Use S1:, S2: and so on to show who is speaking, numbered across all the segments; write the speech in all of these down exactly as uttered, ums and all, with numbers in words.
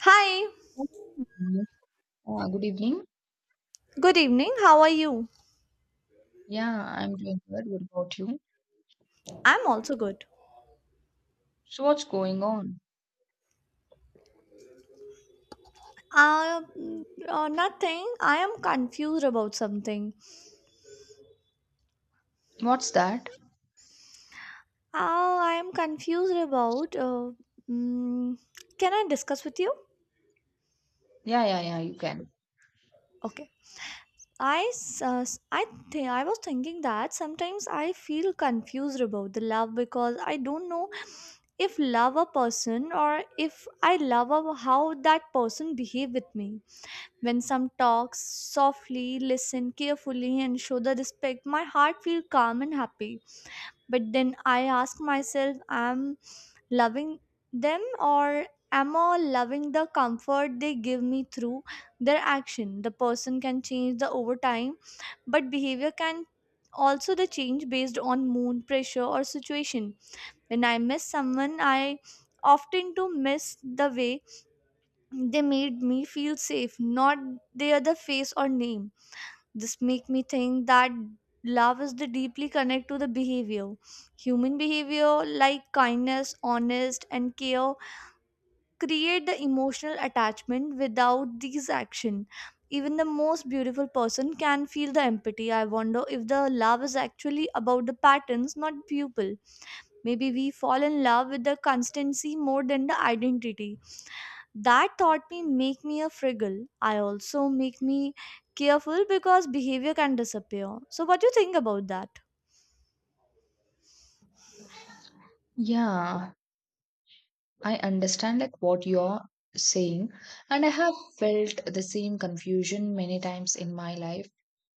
S1: Hi,
S2: Mhm. Uh, good evening.
S1: good evening. How are you?
S2: Yeah, I'm doing good. What about you?
S1: I'm also good.
S2: So, what's going on?
S1: Uh, mm, uh, nothing. I am confused about something.
S2: What's that?
S1: Uh, I am confused about. Uh, mm, can I discuss with you?
S2: Yeah, yeah, yeah, you can.
S1: Okay. I s- uh, s- I think I was thinking that sometimes I feel confused about the love because I don't know if love a person or if I love a, how that person behave with me. When some talks softly, listen carefully, and show the respect, my heart feels calm and happy. But then I ask myself, am loving them or am I loving the comfort they give me through their action? The person can change the over time, but behavior can also the change based on mood, pressure, or situation. When I miss someone, I often to miss the way they made me feel safe, not their the face or name. This make me think that love is the deeply connect to the behavior. Human behavior like kindness, honest and care create the emotional attachment without these action. Even the most beautiful person can feel the empathy. I wonder if the love is actually about the patterns, not people. Maybe we fall in love with the constancy more than the identity that thought me make me a friggle. I also make me careful because behavior can disappear, so what do you think about that?
S2: Yeah, I understand like what you're saying, and I have felt the same confusion many times in my life.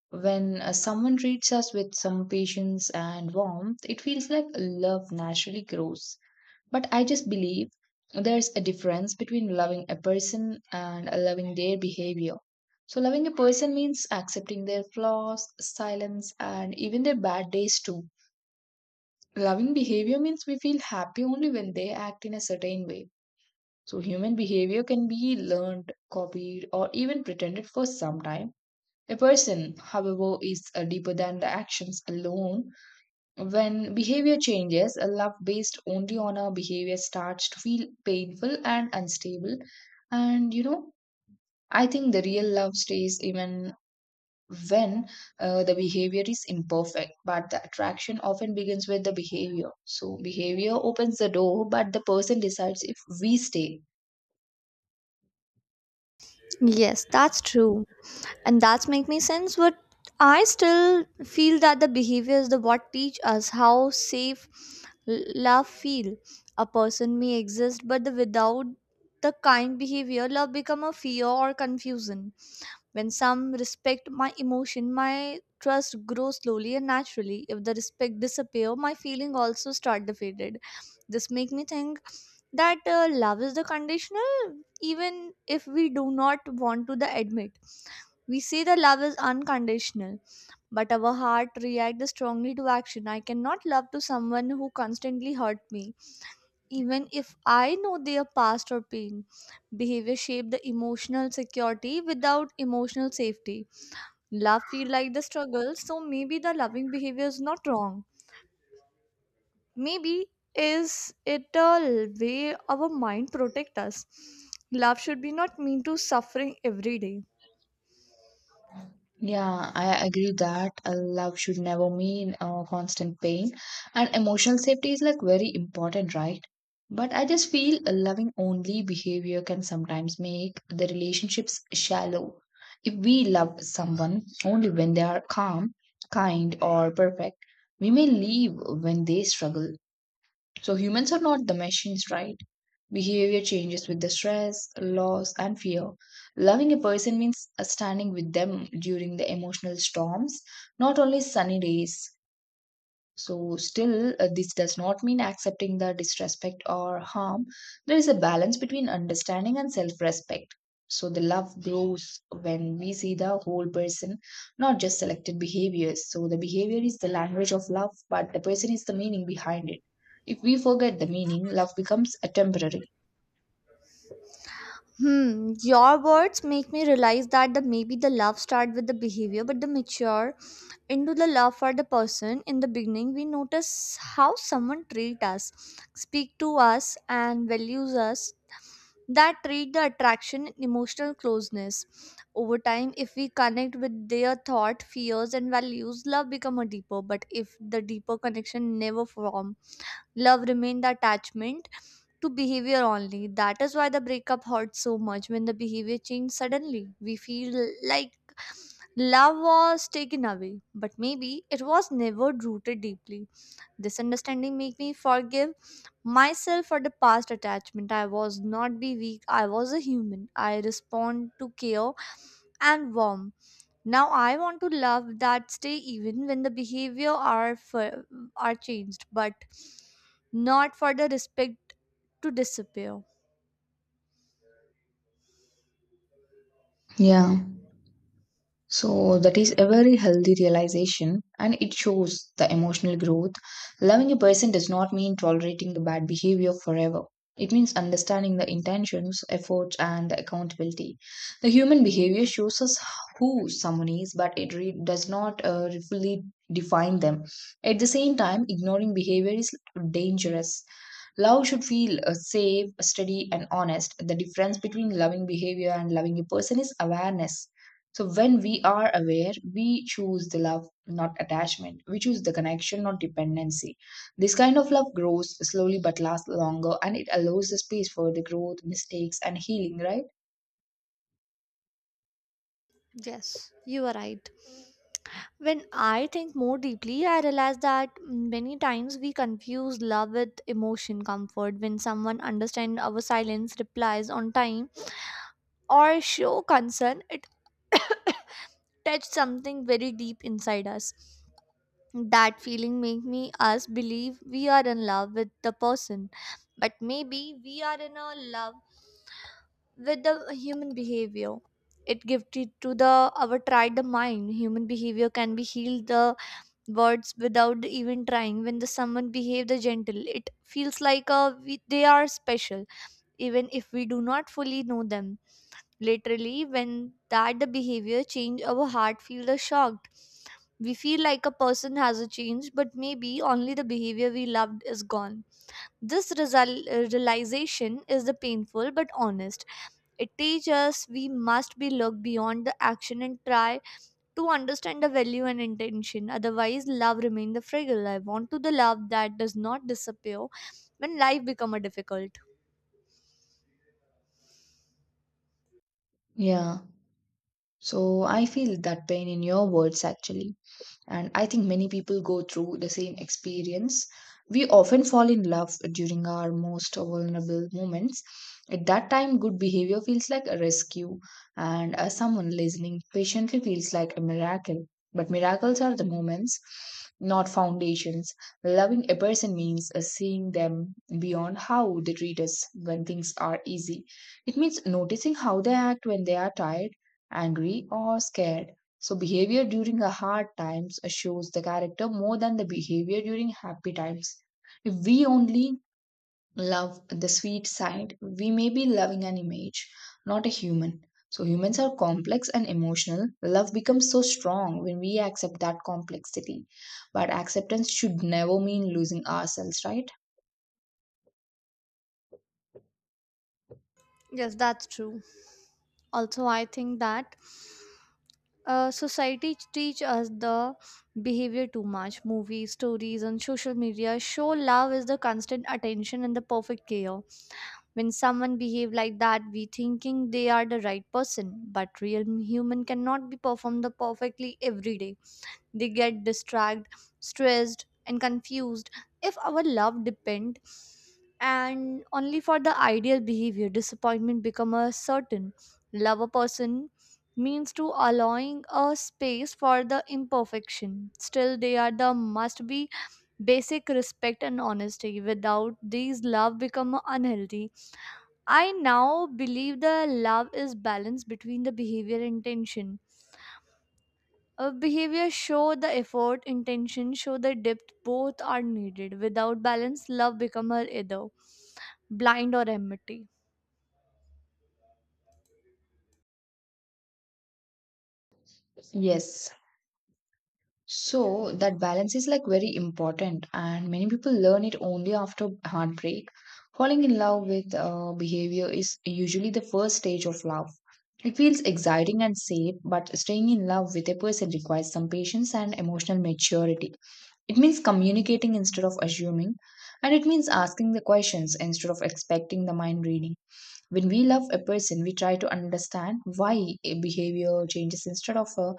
S2: When uh, someone treats us with some patience and warmth, it feels like love naturally grows. But I just believe there's a difference between loving a person and loving their behavior. So, loving a person means accepting their flaws, silence, and even their bad days too. Loving behavior means we feel happy only when they act in a certain way. So, human behavior can be learned, copied, or even pretended for some time. A person, however, is uh, deeper than the actions alone. When behavior changes, a love based only on our behavior starts to feel painful and unstable. And you know, I think the real love stays even when uh, the behavior is imperfect, but the attraction often begins with the behavior. So, behavior opens the door, but the person decides if we stay.
S1: Yes, that's true. And that's make me sense, but I still feel that the behavior is the what teach us how safe l- love feel. A person may exist but the without the kind behavior love become a fear or confusion. When some respect my emotion, my trust grows slowly and naturally. If the respect disappear, my feeling also start defeated. This make me think that uh, love is the conditional, even if we do not want to the admit. We say that love is unconditional, but our heart reacts strongly to action. I cannot love to someone who constantly hurt me, even if I know their past or pain. Behavior shape the emotional security without emotional safety. Love feel like the struggle, so maybe the loving behavior is not wrong. Maybe is it a way our mind protect us. Love should be not mean to suffering every day.
S2: Yeah, I agree that uh, love should never mean uh, constant pain, and emotional safety is like very important, right? But I just feel a loving only behavior can sometimes make the relationships shallow. If we love someone only when they are calm, kind, or perfect, we may leave when they struggle. So humans are not the machines, right? Behavior changes with the stress, loss, and fear. Loving a person means uh, standing with them during the emotional storms, not only sunny days. So, still, uh, this does not mean accepting the disrespect or harm. There is a balance between understanding and self respect. So, the love grows when we see the whole person, not just selected behaviors. So, the behavior is the language of love, but the person is the meaning behind it. If we forget the meaning, love becomes a temporary.
S1: Hmm, your words make me realize that the maybe the love start with the behavior, but the mature into the love for the person. In the beginning we notice how someone treats us, speak to us and values us, that treat the attraction and emotional closeness. Over time if we connect with their thought fears and values love become a deeper, but if the deeper connection never form, love remain the attachment to behavior only. That is why the breakup hurts so much. When the behavior change suddenly we feel like love was taken away, but maybe it was never rooted deeply. This understanding made me forgive myself for the past attachment. I was not be weak, I was a human. I respond to care and warmth. Now I want to love that stay even when the behavior are for, are changed, but not for the respect to disappear.
S2: Yeah. So that is a very healthy realization and it shows the emotional growth. Loving a person does not mean tolerating the bad behavior forever. It means understanding the intentions, efforts, and the accountability. The human behavior shows us who someone is, but it re- does not uh, fully define them. At the same time, ignoring behavior is dangerous. Love should feel uh, safe, steady, and honest. The difference between loving behavior and loving a person is awareness, so when we are aware, we choose the love, not attachment. We choose the connection, not dependency. This kind of love grows slowly but lasts longer, and it allows the space for the growth, mistakes, and healing, right?
S1: Yes, you are right. When I think more deeply, I realize that many times we confuse love with emotion comfort. When someone understands our silence, replies on time, or show concern, it touches something very deep inside us. That feeling make me us believe we are in love with the person, but maybe we are in a love with the human behavior. It gifted to the our tried the mind. Human behavior can be healed the words without even trying. When the someone behave the gentle it feels like uh, we, they are special, even if we do not fully know them literally. When that the behavior change our heart feel the shocked, we feel like a person has a change, but maybe only the behavior we loved is gone. This result, realization is the painful but honest. It teaches us we must be look beyond the action and try to understand the value and intention. Otherwise, love remains the fragile. I want to the love that does not disappear when life become a difficult.
S2: Yeah. So I feel that pain in your words actually. And I think many people go through the same experience. We often fall in love during our most vulnerable moments. At that time, good behavior feels like a rescue, and uh, someone listening patiently feels like a miracle. But miracles are the moments, not foundations. Loving a person means uh, seeing them beyond how they treat us when things are easy. It means noticing how they act when they are tired, angry, or scared. So behavior during a hard times shows the character more than the behavior during happy times. If we only love the sweet side, we may be loving an image, not a human. So humans are complex and emotional. Love becomes so strong when we accept that complexity. But acceptance should never mean losing ourselves, right?
S1: Yes, that's true. Also, I think that uh, society teach us the behavior too much. Movies, stories, and social media show love is the constant attention and the perfect care. When someone behave like that, we thinking they are the right person. But real human cannot be performed the perfectly every day. They get distracted, stressed, and confused. If our love depend and only for the ideal behavior, disappointment become a certain. Love a person means to allowing a space for the imperfection. Still, they are the must be basic respect and honesty. Without these, love become unhealthy. I now believe the love is balance between the behavior and intention. Uh, behavior show the effort, intention show the depth. Both are needed. Without balance, love become her either blind or empty.
S2: Yes. So that balance is like very important, and many people learn it only after heartbreak. Falling in love with uh, behavior is usually the first stage of love. It feels exciting and safe, but staying in love with a person requires some patience and emotional maturity. It means communicating instead of assuming, and it means asking the questions instead of expecting the mind reading. When we love a person, we try to understand why a behavior changes instead of uh,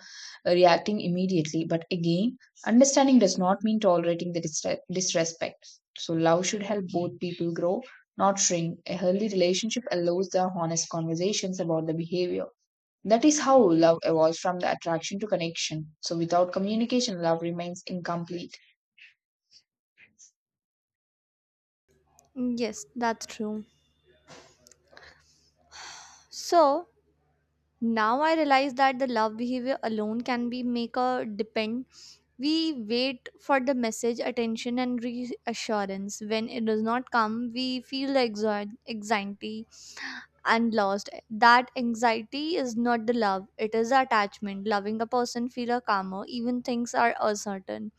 S2: reacting immediately. But again, understanding does not mean tolerating the disre- disrespect. So love should help both people grow, not shrink. A healthy relationship allows the honest conversations about the behavior. That is how love evolves from the attraction to connection. So without communication, love remains incomplete.
S1: Yes, that's true. So now I realize that the love behavior alone can be make a depend. We wait for the message, attention, and reassurance. When it does not come, we feel the exo- anxiety and lost. That anxiety is not the love, it is attachment. Loving a person feel a calmer, even things are uncertain.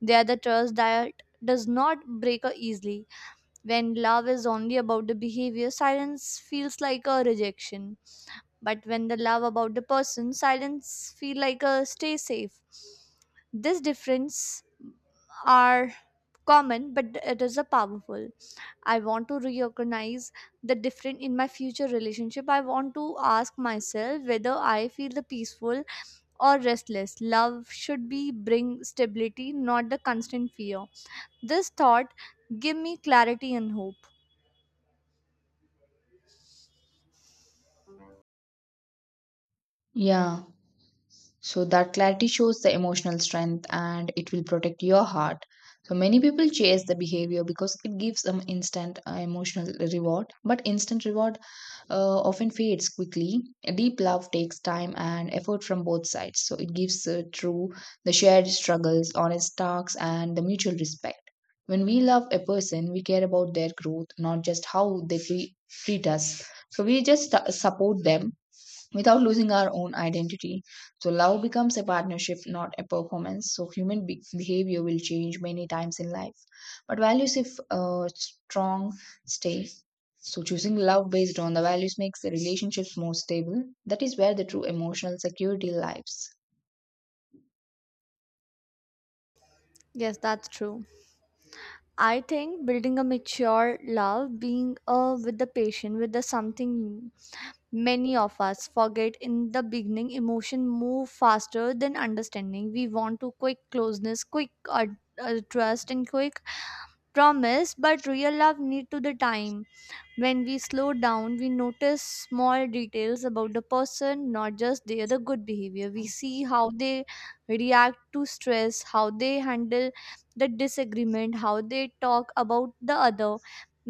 S1: They are the trust that does not break a easily. When love is only about the behavior, silence feels like a rejection. But when the love about the person, silence feel like a stay safe. This difference are common, but it is a powerful. I want to recognize the different in my future relationship. I want to ask myself whether I feel the peaceful or restless. Love should be bring stability, not the constant fear. This thought give me clarity and hope.
S2: Yeah. So that clarity shows the emotional strength and it will protect your heart. So many people chase the behavior because it gives them instant uh, emotional reward, but instant reward uh, often fades quickly. Deep love takes time and effort from both sides. So it gives uh, true the shared struggles, honest talks, and the mutual respect. When we love a person, we care about their growth, not just how they tre- treat us. So we just uh, support them without losing our own identity. So, love becomes a partnership, not a performance. So, human be- behavior will change many times in life. But values, if uh, strong, stay. So, choosing love based on the values makes the relationships more stable. That is where the true emotional security lies.
S1: Yes, that's true. I think building a mature love, being uh, with the patient, with the something. Many of us forget in the beginning emotion move faster than understanding. We want to quick closeness, quick uh, uh, trust and quick promise, but real love need to the time. When we slow down, we notice small details about the person, not just their the good behavior. We see how they react to stress, how they handle the disagreement, how they talk about the other.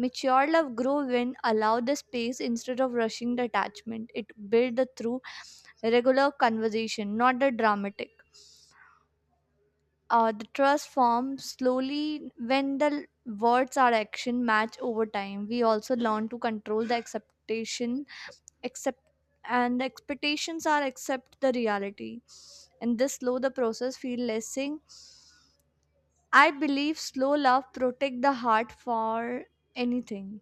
S1: Mature love grow when allow the space instead of rushing the attachment. It build the through regular conversation, not the dramatic. Uh, the trust forms slowly when the words or action match over time. We also learn to control the expectation, accept, and the expectations are accept the reality, and this slow the process feel lessing. I believe slow love protect the heart for anything.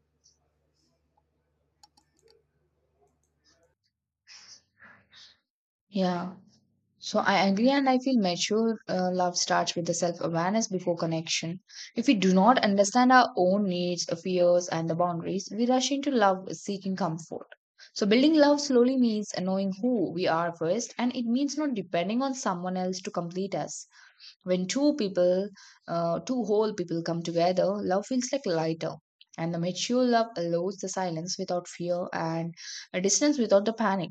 S2: Yeah. So I agree, and I feel mature uh, love starts with the self awareness before connection. If we do not understand our own needs, uh, fears, and the boundaries, we rush into love seeking comfort. So building love slowly means knowing who we are first, and it means not depending on someone else to complete us. When two people, uh, two whole people come together, love feels like lighter. And the mature love allows the silence without fear and a distance without the panic,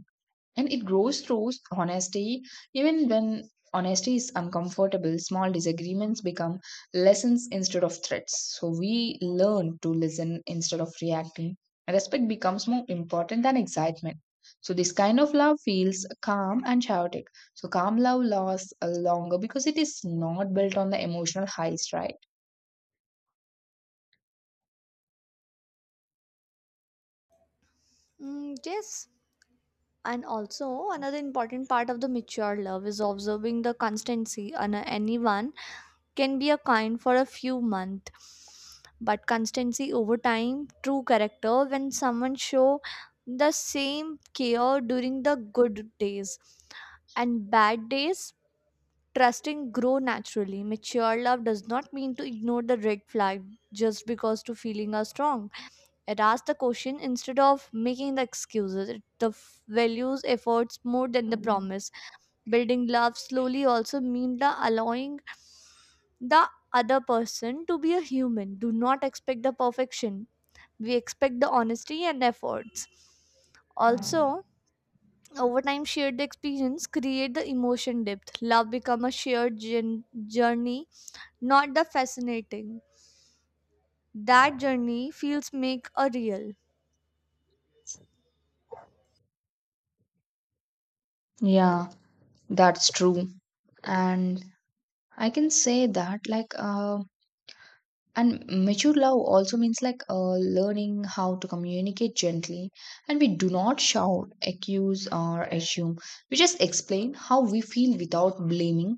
S2: and it grows through honesty even when honesty is uncomfortable. Small disagreements become lessons instead of threats, so we learn to listen instead of reacting. Respect becomes more important than excitement. So this kind of love feels calm and chaotic. So calm love lasts uh, longer because it is not built on the emotional highs, right?
S1: Mm, yes, and also another important part of the mature love is observing the constancy and uh, anyone can be a kind for a few months, but constancy over time true character. When someone show the same care during the good days and bad days, trusting grow naturally. Mature love does not mean to ignore the red flag just because two feelings are strong. It asks the question instead of making the excuses. It the f- values efforts more than the promise. Building love slowly also means the allowing the other person to be a human. Do not expect the perfection. We expect the honesty and efforts. Also, over time shared experience create the emotion depth. Love become a shared jour- journey, not the fascinating. That journey feels make a real.
S2: Yeah, that's true. And i can say that like um And mature love also means like uh, learning how to communicate gently, and we do not shout, accuse, or assume. We just explain how we feel without blaming.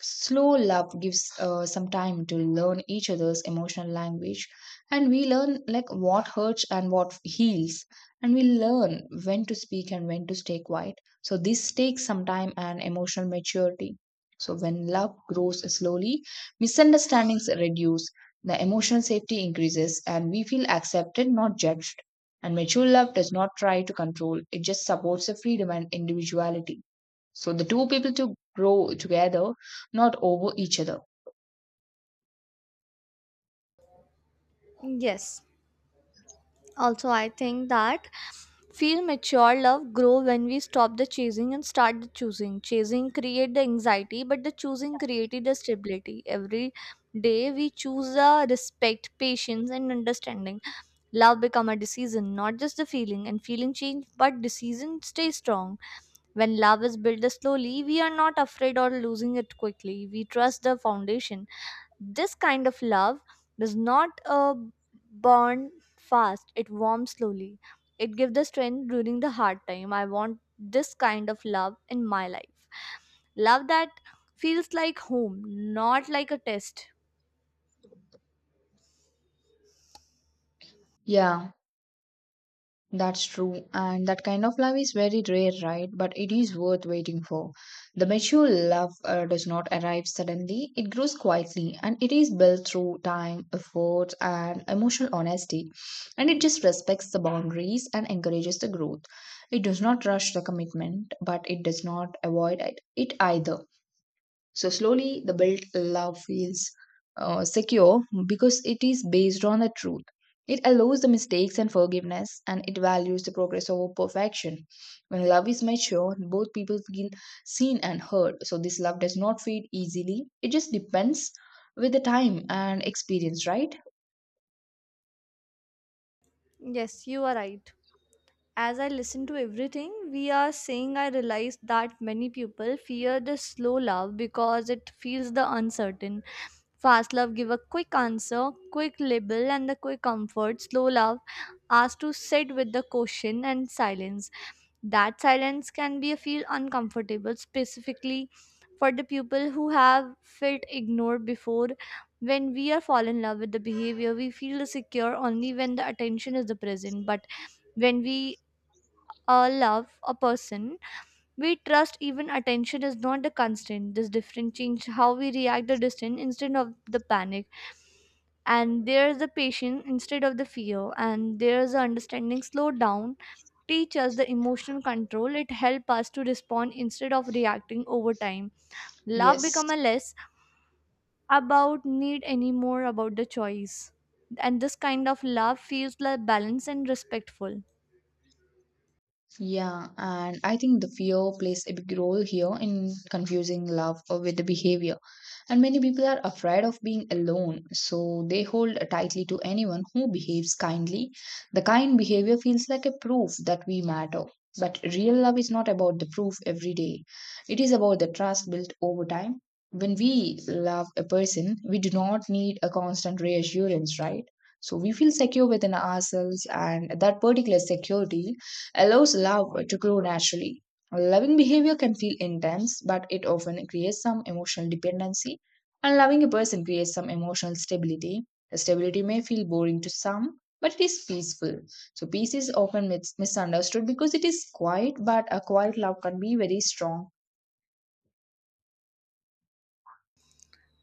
S2: Slow love gives uh, some time to learn each other's emotional language, and we learn like what hurts and what heals, and we learn when to speak and when to stay quiet. So, this takes some time and emotional maturity. So, when love grows slowly, misunderstandings reduce, the emotional safety increases, and we feel accepted, not judged. And mature love does not try to control, it just supports the freedom and individuality. So the two people to grow together, not over each other.
S1: Yes. Also, I think that feel mature love grow when we stop the chasing and start the choosing. Chasing create the anxiety, but the choosing created the stability. Every day we choose the respect, patience, and understanding. Love become a decision, not just the feeling, and feeling change, but decision stay strong. When love is built slowly, we are not afraid or losing it quickly. We trust the foundation. This kind of love does not uh, burn fast, it warms slowly. It gives the strength during the hard time. I want this kind of love in my life. Love that feels like home, not like a test.
S2: Yeah. That's true, and that kind of love is very rare, right? But it is worth waiting for. The mature love uh, does not arrive suddenly, it grows quietly, and it is built through time, effort, and emotional honesty. And it just respects the boundaries and encourages the growth. It does not rush the commitment, but it does not avoid it it either. So slowly, the built love feels uh, secure because it is based on the truth. It allows the mistakes and forgiveness, and it values the progress over perfection. When love is mature, both people feel seen and heard. So this love does not fade easily. It just depends with the time and experience, right?
S1: Yes, you are right. As I listen to everything we are saying, I realize that many people fear the slow love because it feels the uncertain. Fast love give a quick answer, quick label, and the quick comfort. Slow love asks to sit with the question and silence. That silence can be a feel uncomfortable, specifically for the people who have felt ignored before. When we are fall in love with the behavior, we feel secure only when the attention is the present. But when we uh, love a person, we trust even attention is not the constant. This difference change how we react the distance instead of the panic, and there's the patience instead of the fear, and there's the understanding. Slow down teach us the emotional control. It help us to respond instead of reacting over time. Love
S2: Yes.
S1: become a less about need anymore about the choice, and this kind of love feels like balanced and respectful.
S2: Yeah, and I think the fear plays a big role here in confusing love uh, with the behavior. And many people are afraid of being alone, so they hold tightly to anyone who behaves kindly. The kind behavior feels like a proof that we matter. But real love is not about the proof every day, it is about the trust built over time. When we love a person, we do not need a constant reassurance, right? So we feel secure within ourselves, and that particular security allows love to grow naturally. Loving behavior can feel intense, but it often creates some emotional dependency. And loving a person creates some emotional stability. The stability may feel boring to some, but it is peaceful. So, peace is often mis- misunderstood because it is quiet, but a quiet love can be very strong.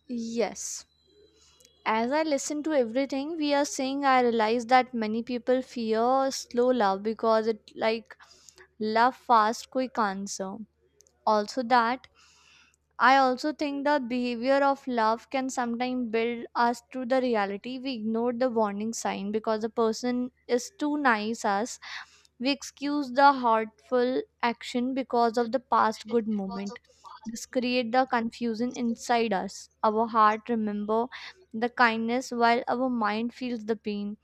S1: Yes. As I listen to everything we are saying, I realize that many people fear slow love because it like love fast quick answer. Also that I also think the behavior of love can sometimes build us to the reality. We ignore the warning sign because the person is too nice us. We excuse the hurtful action because of the past good moment. This create the confusion inside us. Our heart remember the kindness while our mind feels the pain.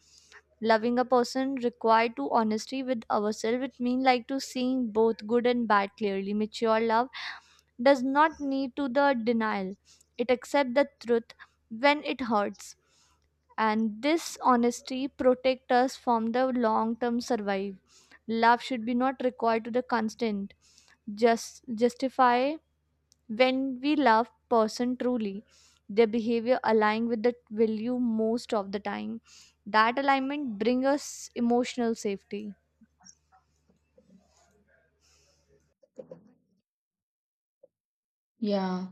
S1: Loving a person require to honesty with ourselves. It mean like to seeing both good and bad clearly. Mature love does not need to the denial. It accepts the truth when it hurts. And this honesty protects us from the long term survive. Love should be not required to the constant. Just justify when we love person truly. Their behavior align with the value most of the time. That alignment bring us emotional safety.
S2: Yeah.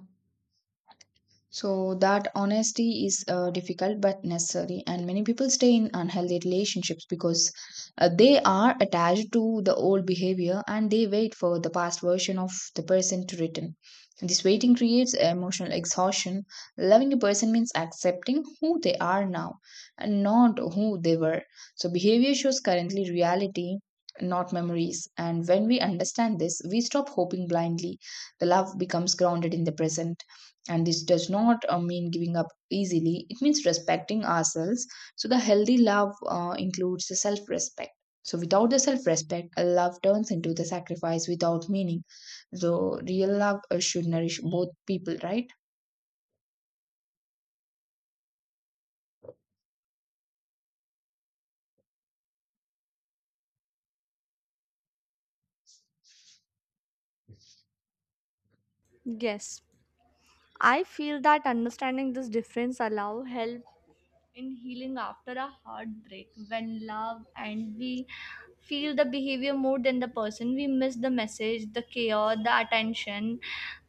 S2: So that honesty is uh, difficult but necessary, and many people stay in unhealthy relationships because uh, they are attached to the old behavior and they wait for the past version of the person to return. This waiting creates emotional exhaustion. Loving a person means accepting who they are now and not who they were. So behavior shows currently reality, not memories. And when we understand this, we stop hoping blindly. The love becomes grounded in the present, and this does not uh, mean giving up easily. It means respecting ourselves. So the healthy love uh, includes the self respect. So without the self respect, love turns into the sacrifice without meaning. So real love uh, should nourish both people, right?
S1: Yes, I feel that understanding this difference allow help in healing after a heartbreak. When love and we feel the behavior more than the person, we miss the message, the care, the attention.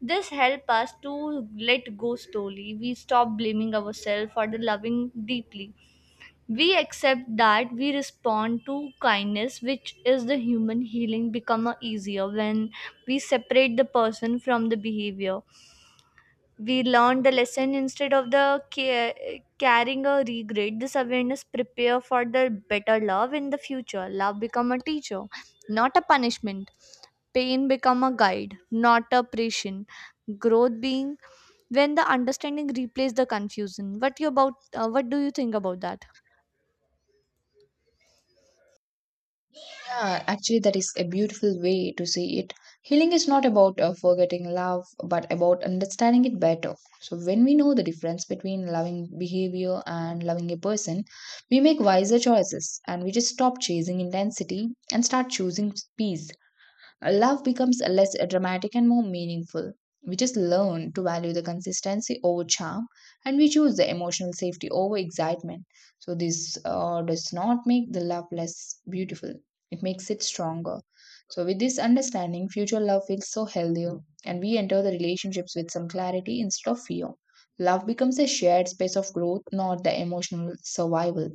S1: This help us to let go slowly. We stop blaming ourselves for the loving deeply. We accept that we respond to kindness, which is the human. Healing become a easier when we separate the person from the behavior. We learned the lesson instead of the ca- carrying a regret. This awareness prepare for the better love in the future. Love become a teacher, not a punishment. Pain become a guide, not a prison. Growth being when the understanding replace the confusion. What you about uh, what do you think about that?
S2: Yeah, actually, that is a beautiful way to see it. Healing is not about uh, forgetting love, but about understanding it better. So, when we know the difference between loving behavior and loving a person, we make wiser choices, and we just stop chasing intensity and start choosing peace. Love becomes less dramatic and more meaningful. We just learn to value the consistency over charm, and we choose the emotional safety over excitement. So, this uh, does not make the love less beautiful, it makes it stronger. So, with this understanding, future love feels so healthier, and we enter the relationships with some clarity instead of fear. Love becomes a shared space of growth, not the emotional survival.